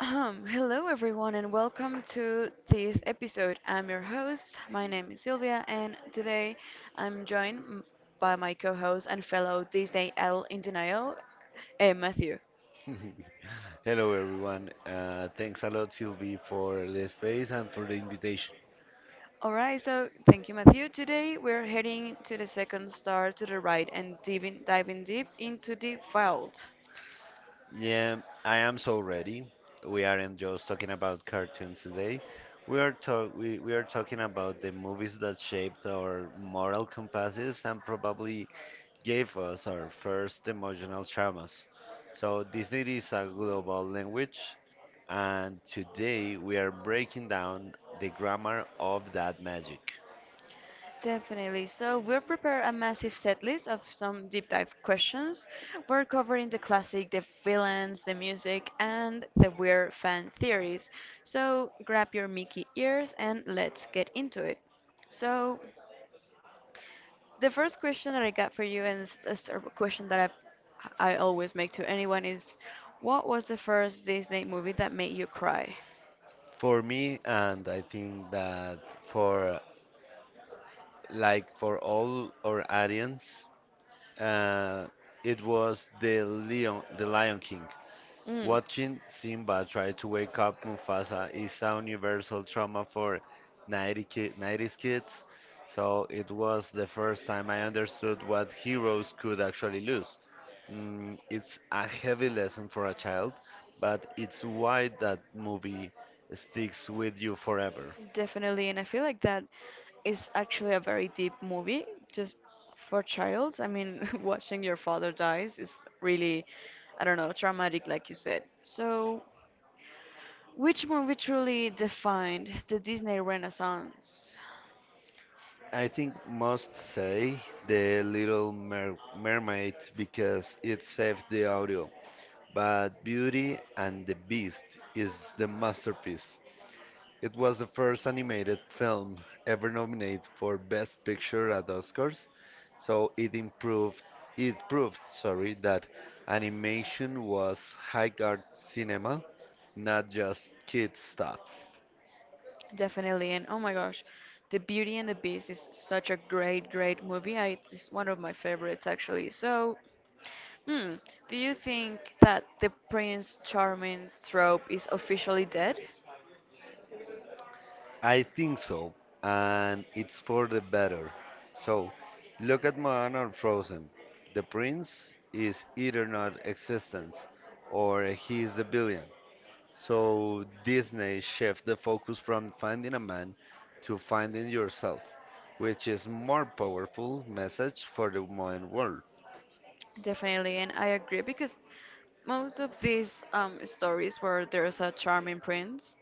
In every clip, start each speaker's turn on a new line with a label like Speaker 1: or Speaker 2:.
Speaker 1: Hello everyone and welcome to this episode. I'm your host. My name is Sylvia and today I'm by my co-host and fellow Disney L in denial, Matthew.
Speaker 2: Hello, everyone. Thanks a lot, Sylvie, for the space and for the invitation.
Speaker 1: All right, so thank you, Matthew. Today we're heading to the second star to the right and diving deep into the vault.
Speaker 2: Yeah, I am so ready. We aren't just talking about cartoons today. We are talking about the movies that shaped our moral compasses and probably gave us our first emotional traumas. So Disney is a global language, and today we are breaking down the grammar of that magic.
Speaker 1: Definitely. So we'll prepare a massive set list of some deep dive questions. We're covering the classic, the villains, the music, and the weird fan theories. So grab your Mickey ears and let's get into it. So the first question that I got for you, and it's a question that I always make to anyone, is what was the first Disney movie that made you cry?
Speaker 2: For me, and I think that for like for all our audience, uh, it was the Lion King. Watching Simba try to wake up Mufasa is a universal trauma for 90 ki '90s kids. So it was the first time I understood what heroes could actually lose. Mm, it's a heavy lesson for a child, but it's why that movie sticks with you forever.
Speaker 1: Definitely, and I feel like that is actually a very deep movie just for childs. I mean, watching your father dies is really, I don't know, traumatic, like you said. So, which movie truly defined the Disney Renaissance?
Speaker 2: I think must say the Mermaid because it saved the audio. But Beauty and the Beast is the masterpiece. It was the first animated film ever nominated for Best Picture at Oscars, so it proved, sorry, that animation was high art cinema, not just kid stuff.
Speaker 1: Definitely, and oh my gosh, The Beauty and the Beast is such a great, great movie. I, it's one of my favorites actually. So, hmm, do you think that the Prince Charming trope is officially dead?
Speaker 2: I think so, and it's for the better. So, look at Moana or Frozen. The prince is either not existence or he is the billion. So Disney shifts the focus from finding a man to finding yourself, which is more powerful message for the modern world.
Speaker 1: Definitely, and I agree because most of these stories where there's a charming prince,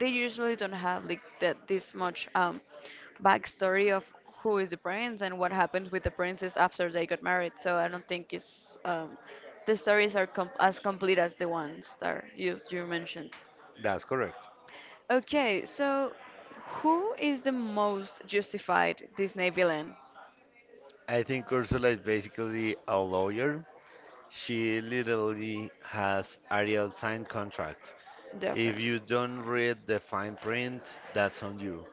Speaker 1: they usually don't have like that this much backstory of who is the prince and what happens with the princess after they got married. So I don't think it's the stories are com- as complete as the ones that you mentioned.
Speaker 2: That's correct.
Speaker 1: Okay, so who is the most justified Disney villain?
Speaker 2: I think Ursula is basically a lawyer. She literally has Ariel sign contract. If you
Speaker 1: Definitely.
Speaker 2: don't read the fine print, that's on you.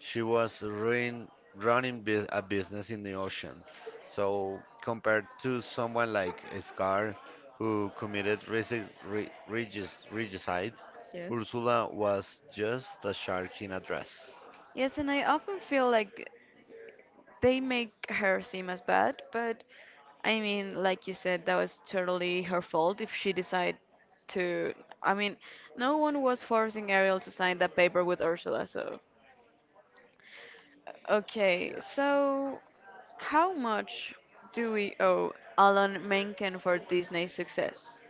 Speaker 2: Running a business in the ocean. So compared to someone like Scar, who committed regicide,
Speaker 1: Yes.
Speaker 2: Ursula was just a shark in a dress.
Speaker 1: Yes, and I often feel like they make her seem as bad, but I mean, like you said, that was totally her fault if she decided to. I mean, no one was forcing Ariel to sign that paper with Ursula, so. Okay,
Speaker 2: Yes,
Speaker 1: so how much do we owe Alan Menken for Disney's success?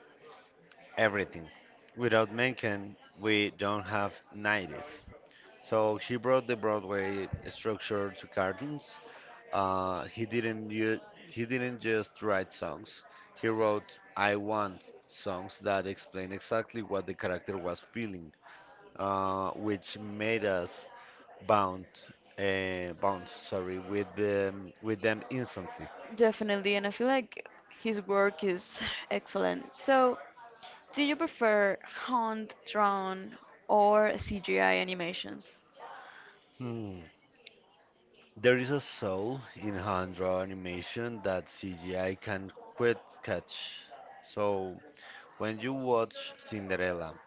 Speaker 2: everything. Without Mencken, we don't have '90s. So he brought the Broadway structure to cartoons. He didn't he didn't just write songs. He wrote "I Want" songs that explain exactly what the character was feeling, which made us bound bounce sorry with them instantly.
Speaker 1: Definitely, and I feel like his work is excellent. So, do you prefer hand drawn or CGI animations?
Speaker 2: Hmm. There is a soul in hand drawn animation that CGI can quite catch. So when you watch Cinderella,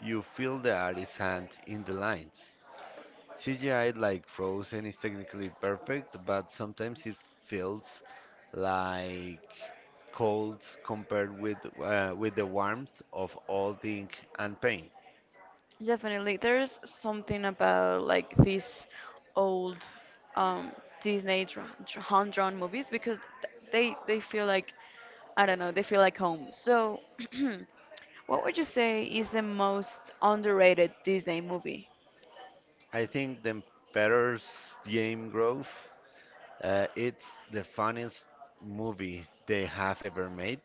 Speaker 2: you feel the artist's hand in the lines. CGI like Frozen is technically perfect, but sometimes it feels like cold compared with the warmth of all the ink and paint.
Speaker 1: Definitely, there's something about like these old um, Disney hand-drawn movies because they feel like I don't know, they feel like home. So, what would you say is the most underrated Disney movie?
Speaker 2: I think the Emperor's Game Grove, it's the funniest movie they have ever made.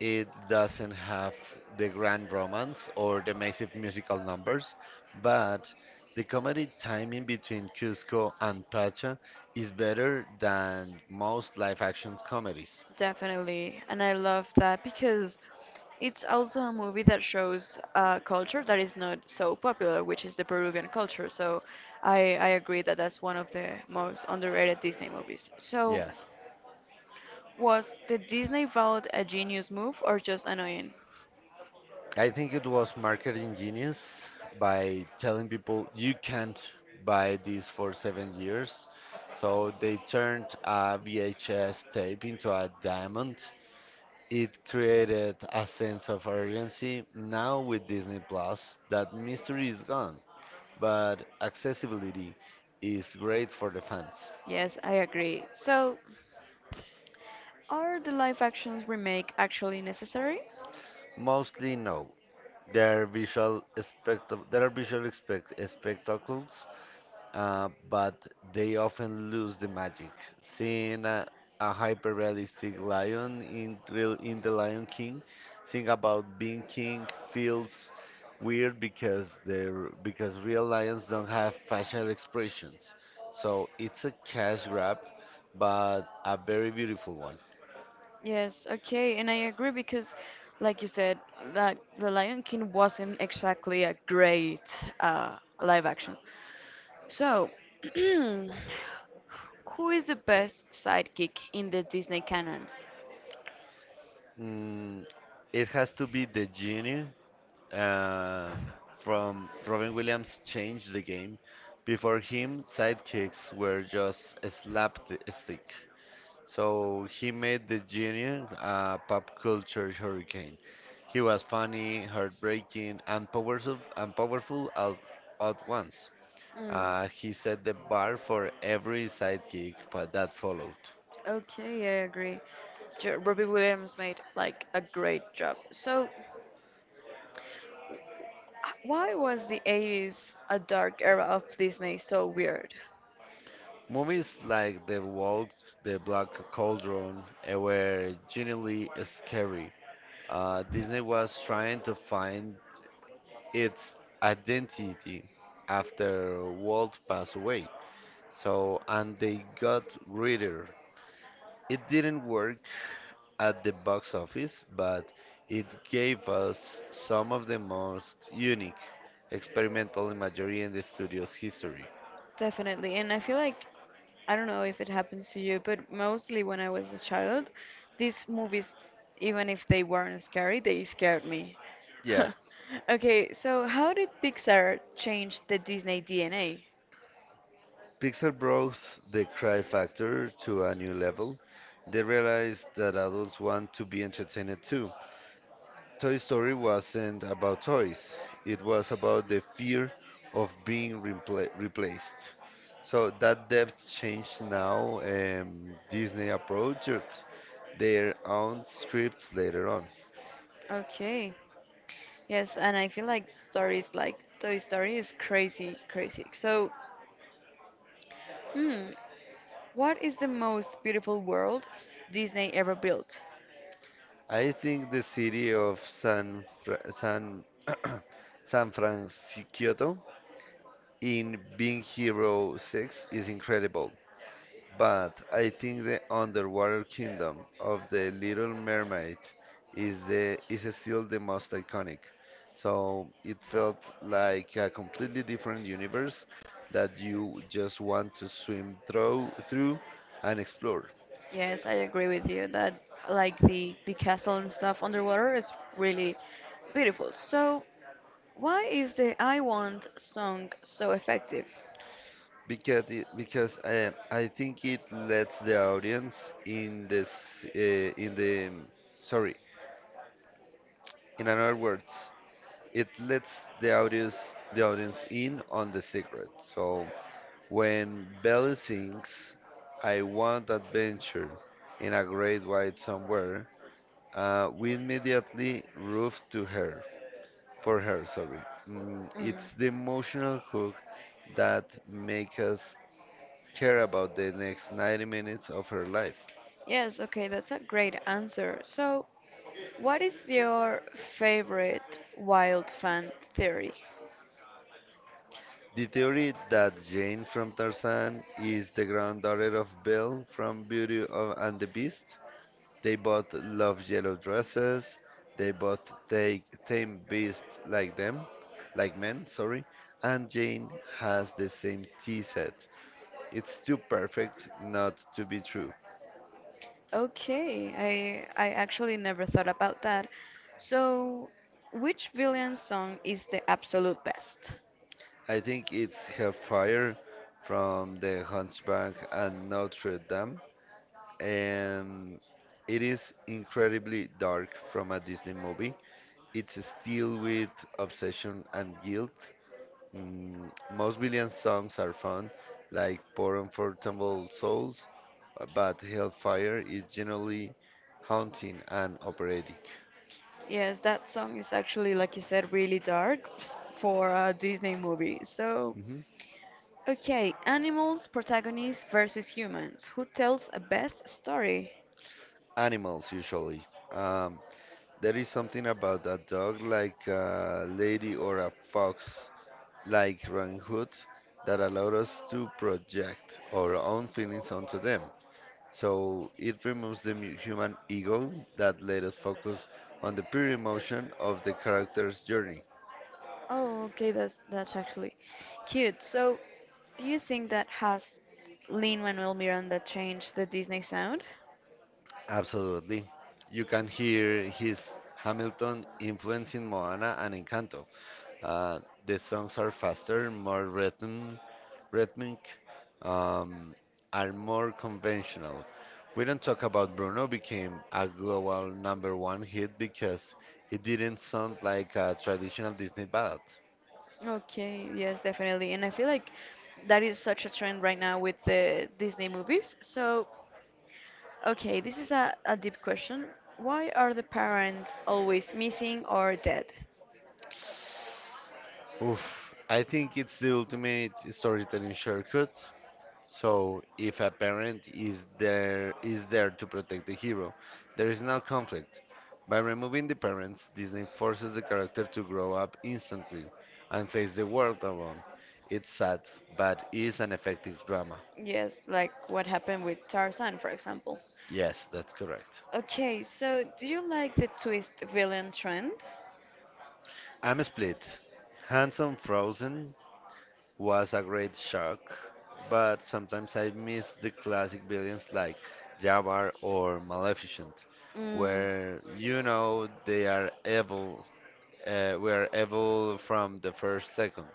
Speaker 2: It doesn't have the grand romance or the massive musical numbers, but the comedy timing between Cusco and Pacha is better than most live action comedies.
Speaker 1: Definitely, and I love that because it's also a movie that shows a culture that is not so popular, which is the Peruvian culture. So I agree that that's one of the most underrated Disney movies. So
Speaker 2: Yes,
Speaker 1: was the Disney vote a genius move or just annoying?
Speaker 2: I think it was marketing genius by telling people you can't buy this for 7 years. So they turned a VHS tape into a diamond. It created a sense of urgency now with Disney Plus. That mystery is gone, but accessibility is great for the fans.
Speaker 1: Yes, I agree. So, are the live actions remake actually necessary?
Speaker 2: Mostly no. There are spectacles, but they often lose the magic. Seeing a hyper-realistic lion in The Lion King, think about being king feels weird because real lions don't have facial expressions. So it's a cash grab, but a very beautiful one.
Speaker 1: Yes, okay, and I agree because, like you said, that The Lion King wasn't exactly a great uh, live action. So, who is the best sidekick in the Disney canon?
Speaker 2: Mm, it has to be the genie uh, from Robin Williams changed the game. Before him, sidekicks were just a slapstick. So he made the genie a pop culture hurricane. He was funny, heartbreaking, and powerful all at once.
Speaker 1: Mm,
Speaker 2: He set the bar for every sidekick but that followed.
Speaker 1: okay, I agree. Robbie Williams made like a great job. So, why was the 80s a dark era of Disney so weird?
Speaker 2: Movies like The Walk, The Black Cauldron were genuinely scary. Disney was trying to find its identity after Walt passed away. So, and they got Reader. It didn't work at the box office, but it gave us some of the most unique experimental imagery in the studio's history.
Speaker 1: Definitely. And I feel like, I don't know if it happens to you, but mostly when I was a child, these movies, even if they weren't scary, they scared me.
Speaker 2: Yeah,
Speaker 1: Okay, so how did Pixar change the Disney DNA?
Speaker 2: Pixar brought the cry factor to a new level. They realized that adults want to be entertained too. Toy Story wasn't about toys, it was about the fear of being replaced. So that depth change now, Disney approached their own scripts later on.
Speaker 1: Okay. Yes, and I feel like stories like Toy Story is crazy, crazy. So, hmm, what is the most beautiful world s- Disney ever built?
Speaker 2: I think the city of San Fra- San San Francisco in Being Hero 6 is incredible. But I think the underwater kingdom of the Little Mermaid is still the most iconic. So it felt like a completely different universe that you just want to swim through through and explore.
Speaker 1: Yes, I agree with you that like the castle and stuff underwater is really beautiful. So, why is the I Want song so effective?
Speaker 2: Because it, because I think it lets the audience in this in the sorry in other words it lets the audience in on the secret. So when Belly sings, I want adventure in a great white somewhere, we immediately roof to her, for her, sorry. Mm, it's the
Speaker 1: Mm.
Speaker 2: emotional hook that makes us care about the next 90 minutes of her life.
Speaker 1: Yes, okay, that's a great answer. So, what is your favorite wild fan theory?
Speaker 2: The theory that Jane from Tarzan is the granddaughter of Belle from Beauty of- and the Beast. They both love yellow dresses. They both take tame like men, sorry. And Jane has the same tea set. It's too perfect not to be true.
Speaker 1: Okay, I actually never thought about that. So, which villain song is the absolute best?
Speaker 2: I think it's Hellfire from The Hunchback and Notre Dame. And it is incredibly dark from a Disney movie. It's still with obsession and guilt. Mm, most Billions songs are fun, like Poor Unforgettable Souls, but Hellfire is generally haunting and operatic.
Speaker 1: Yes, that song is actually, like you said, really dark s- for a Disney movie. So,
Speaker 2: hmm
Speaker 1: okay, animals, protagonists versus humans. Who tells a best story?
Speaker 2: Animals, usually. Um, there is something about a dog, like a lady or a fox, like Robin Hood, that allowed us to project our own feelings onto them. So it removes the human ego that let us focus on the pure emotion of the character's journey.
Speaker 1: Oh, okay, that's actually cute. So, do you think that has Lin-Manuel Miranda changed the Disney sound?
Speaker 2: Absolutely. You can hear his Hamilton influencing Moana and Encanto. Uh, the songs are faster, rhythmic, um, are more conventional. We don't talk about Bruno became a global number one hit because it didn't sound like a traditional Disney ballad.
Speaker 1: Okay, yes, definitely. And I feel like that is such a trend right now with the Disney movies. So, okay, this is a deep question. Why are the parents always missing or dead?
Speaker 2: I think it's the ultimate storytelling shortcut. So if a parent is there to protect the hero, there is no conflict. By removing the parents, Disney forces the character to grow up instantly and face the world alone. It's sad, but is an effective drama.
Speaker 1: Yes, like what happened with Tarzan, for example.
Speaker 2: Yes, that's correct.
Speaker 1: Okay, so do you like the twist villain trend?
Speaker 2: I'm split. Handsome Frozen was a great shock, but sometimes I miss the classic villains like Jafar or Maleficent,
Speaker 1: Mm,
Speaker 2: where you know they are evil were evil from the first second.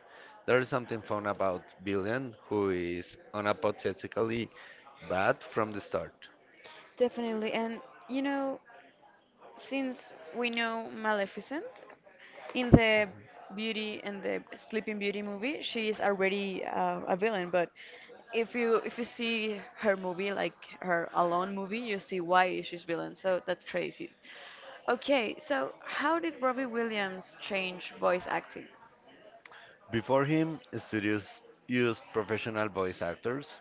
Speaker 2: There is something fun about Billion, who is unapologetically bad from the start.
Speaker 1: definitely. And you know, since we know Maleficent, in the Beauty and the Sleeping Beauty movie, she is already a villain. But if you see her movie, like her Alone movie, you see why she's villain. So that's crazy. Okay, so how did Robbie Williams change voice acting?
Speaker 2: Before him, studios used professional voice actors.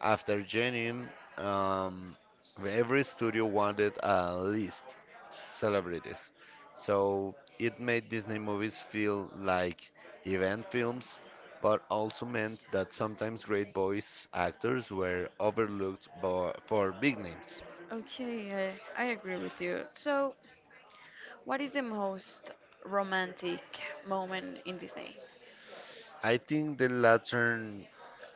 Speaker 2: After Genium, um, every studio wanted a list celebrities. So it made Disney movies feel like event films, but also meant that sometimes great voice actors were overlooked for big names.
Speaker 1: Okay, I agree with you. So, what is the most romantic moment in Disney?
Speaker 2: I think the latter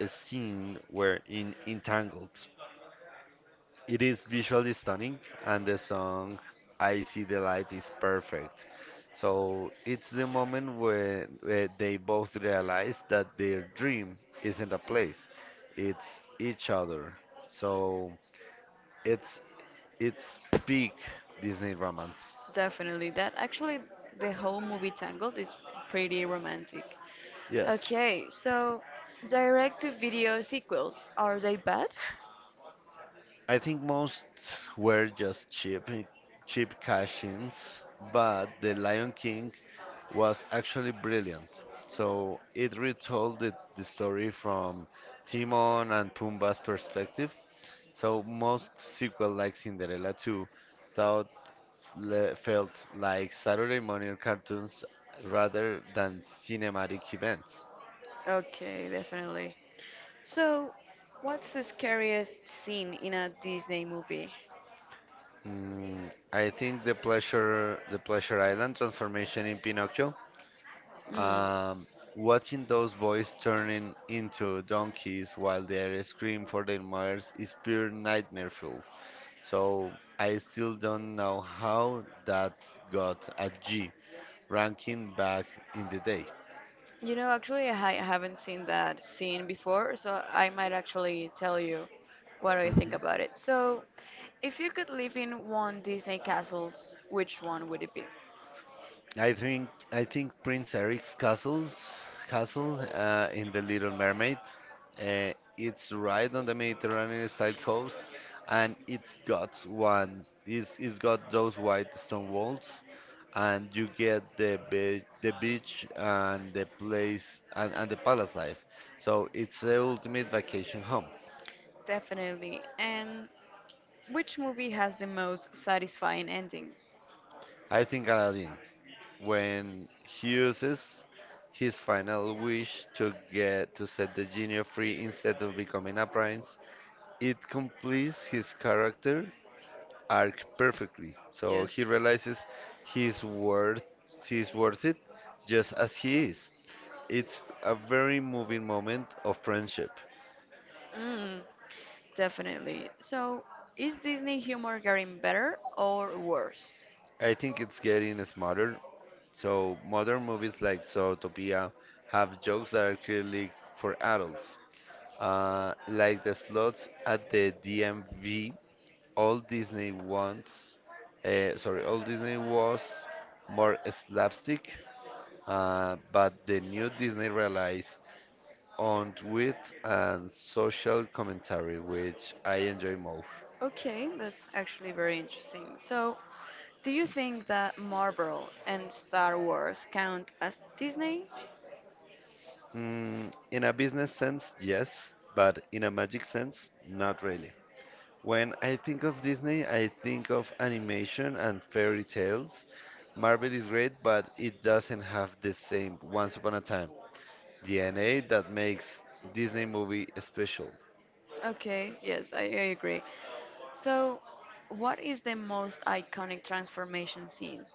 Speaker 2: scene were in Entangled. It is visually stunning, and the song I See the Light is perfect. So it's the moment when they both realize that their dream isn't a place, it's each other. So it's it's peak Disney romance.
Speaker 1: Definitely. That actually, the whole movie Tangled is pretty romantic.
Speaker 2: Yes,
Speaker 1: Okay, so direct to video sequels, are they bad?
Speaker 2: I think most were just cheap cash-ins, but The Lion King was actually brilliant. So it retold the story from Timon and Pumbaa's perspective. So most sequel like Cinderella 2 thought felt like Saturday morning cartoons rather than cinematic events.
Speaker 1: Okay, definitely. So, what's the scariest scene in a Disney movie?
Speaker 2: Mm, I think the Pleasure Island transformation in Pinocchio.
Speaker 1: Mm.
Speaker 2: Um, watching those boys turning into donkeys while they scream for their mothers is pure nightmare. So I still don't know how that got a G ranking back in the day.
Speaker 1: You know, actually, I haven't seen that scene before, so I might actually tell you what I think
Speaker 2: Mhm.
Speaker 1: about it. So, if you could live in one Disney castle, which one would it be?
Speaker 2: I think Prince Eric's castle in the Little Mermaid. It's right on the Mediterranean style coast, and it's got one. It's got those white stone walls, and you get the beach and the place and the palace life. So it's the ultimate vacation home.
Speaker 1: Definitely. And which movie has the most satisfying ending?
Speaker 2: I think Aladdin, when he uses his final wish to get to set the genie free instead of becoming a prince, it completes his character arc perfectly. So he
Speaker 1: Yes.
Speaker 2: realizes he's worth he's worth it just as he is. It's a very moving moment of friendship.
Speaker 1: Mm, definitely. So, is Disney humor getting better or worse?
Speaker 2: I think it's getting smarter. So modern movies like Zootopia have jokes that are clearly for adults. Like the slots at the DMV, all Disney wants, all Disney was more slapstick, but the new Disney relies on wit and social commentary, which I enjoy more.
Speaker 1: Okay, that's actually very interesting. So, do you think that Marvel and Star Wars count as Disney?
Speaker 2: Mm, in a business sense, yes, but in a magic sense, not really. When I think of Disney, I think of animation and fairy tales. Marvel is great, but it doesn't have the same once upon a time DNA that makes Disney movie special.
Speaker 1: Okay, yes, I agree. So, what is the most iconic transformation scene?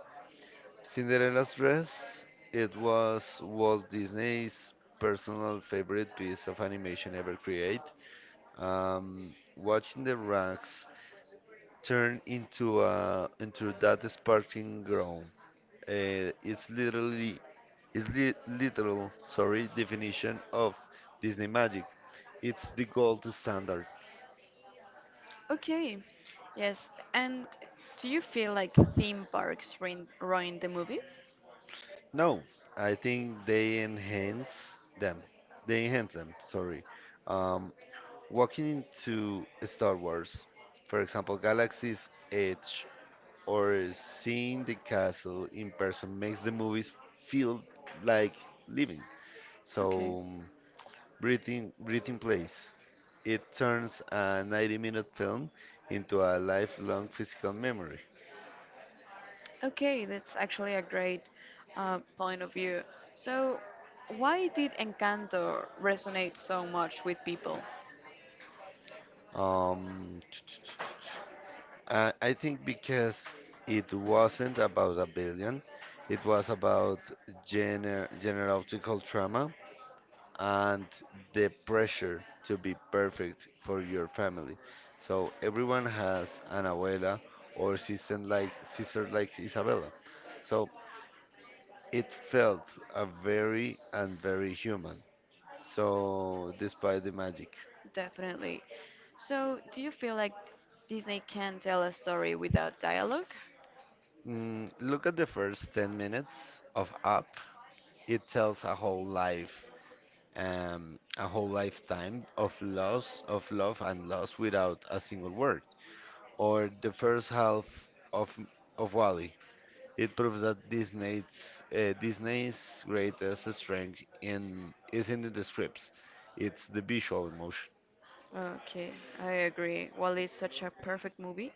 Speaker 2: Cinderella's dress, it was Walt Disney's personal favorite piece of animation ever created. Watching the rags turn into that sparkling ground, it's literally is the literal, sorry, definition of Disney magic. It's the gold standard.
Speaker 1: Okay, yes. And do you feel like theme parks ruin the movies?
Speaker 2: No, I think they enhance them. They enhance them, sorry. Um, walking into Star Wars, for example, Galaxy's Edge, or seeing the castle in person makes the movies feel like living.
Speaker 1: Okay.
Speaker 2: So breathing plays. It turns a 90-minute film into a lifelong physical memory.
Speaker 1: Okay, that's actually a great point of view. So, why did Encanto resonate so much with people?
Speaker 2: Um, I I think because it wasn't about a billion, it was about generational trauma and the pressure to be perfect for your family. So everyone has an abuela or sister like Isabella. So it felt a very and very human. So, despite the magic,
Speaker 1: Definitely. So, do you feel like Disney can tell a story without dialogue?
Speaker 2: mm, look at the first 10 minutes of Up. It tells a whole life, a whole lifetime of loss, of love and loss without a single word. Or the first half of of Wally. It proves that Disney's greatest strength in is in the scripts. It's the visual emotion.
Speaker 1: Okay, I agree. Well, it's such a perfect movie.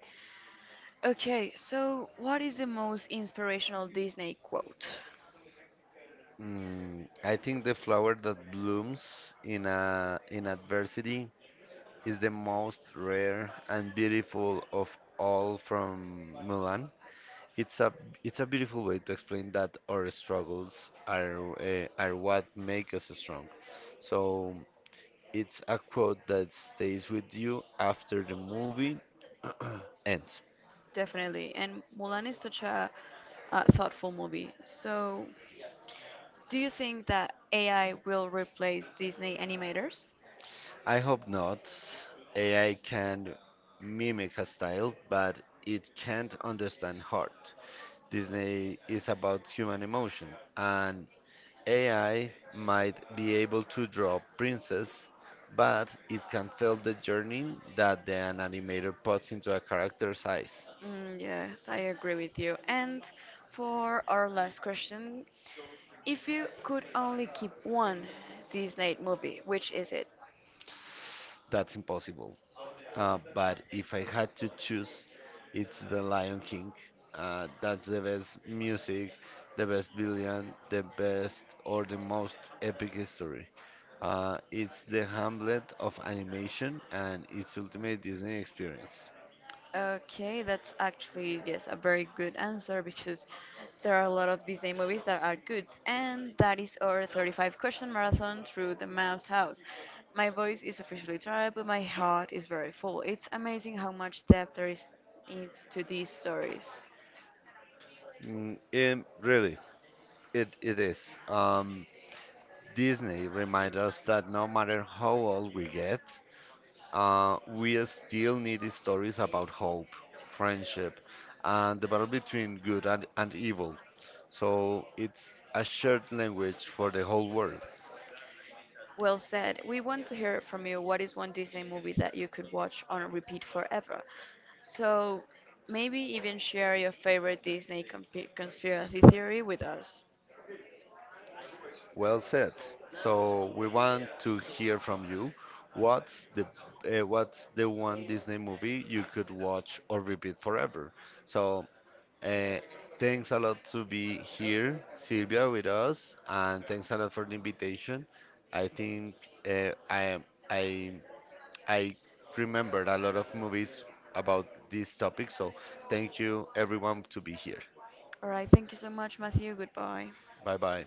Speaker 1: Okay, so what is the most inspirational Disney quote?
Speaker 2: Mm, I think the flower that blooms in adversity is the most rare and beautiful of all from Mulan. It's a it's a beautiful way to explain that our struggles are what make us strong. So it's a quote that stays with you after the movie ends.
Speaker 1: Definitely. And Mulan is such a, thoughtful movie. So, do you think that AI will replace Disney animators?
Speaker 2: I hope not. AI can mimic a style, but it can't understand heart. Disney is about human emotion, and AI might be able to draw princess, but it can feel the journey that the an animator puts into a character's eyes.
Speaker 1: Mm, yes, I agree with you. And for our last question, if you could only keep one Disney movie, which is it?
Speaker 2: That's impossible. But if I had to choose, it's The Lion King. That's the best music, the best villain, the best or the most epic story. It's the Hamlet of animation and its ultimate Disney experience.
Speaker 1: Okay, that's actually yes a very good answer because there are a lot of Disney movies that are good, and that is our 35 question marathon through the Mouse House. My voice is officially tired, but my heart is very full. It's amazing how much depth there is to these stories.
Speaker 2: Mm, really, it is. Um, Disney reminds us that no matter how old we get, uh, we still need stories about hope, friendship, and the battle between good and evil. So it's a shared language for the whole world.
Speaker 1: Well said. We want to hear from you. What is one Disney movie that you could watch on repeat forever? So maybe even share your favorite Disney comp- conspiracy theory with us.
Speaker 2: Well said. So we want to hear from you. What's the what's the one Disney movie you could watch or repeat forever? So uh, thanks a lot to be here, Silvia, with us, and thanks a lot for the invitation. I think uh, I I I remembered a lot of movies about this topic. So thank you everyone to be here.
Speaker 1: All right. Thank you so much, Matthew. Goodbye.
Speaker 2: Bye bye.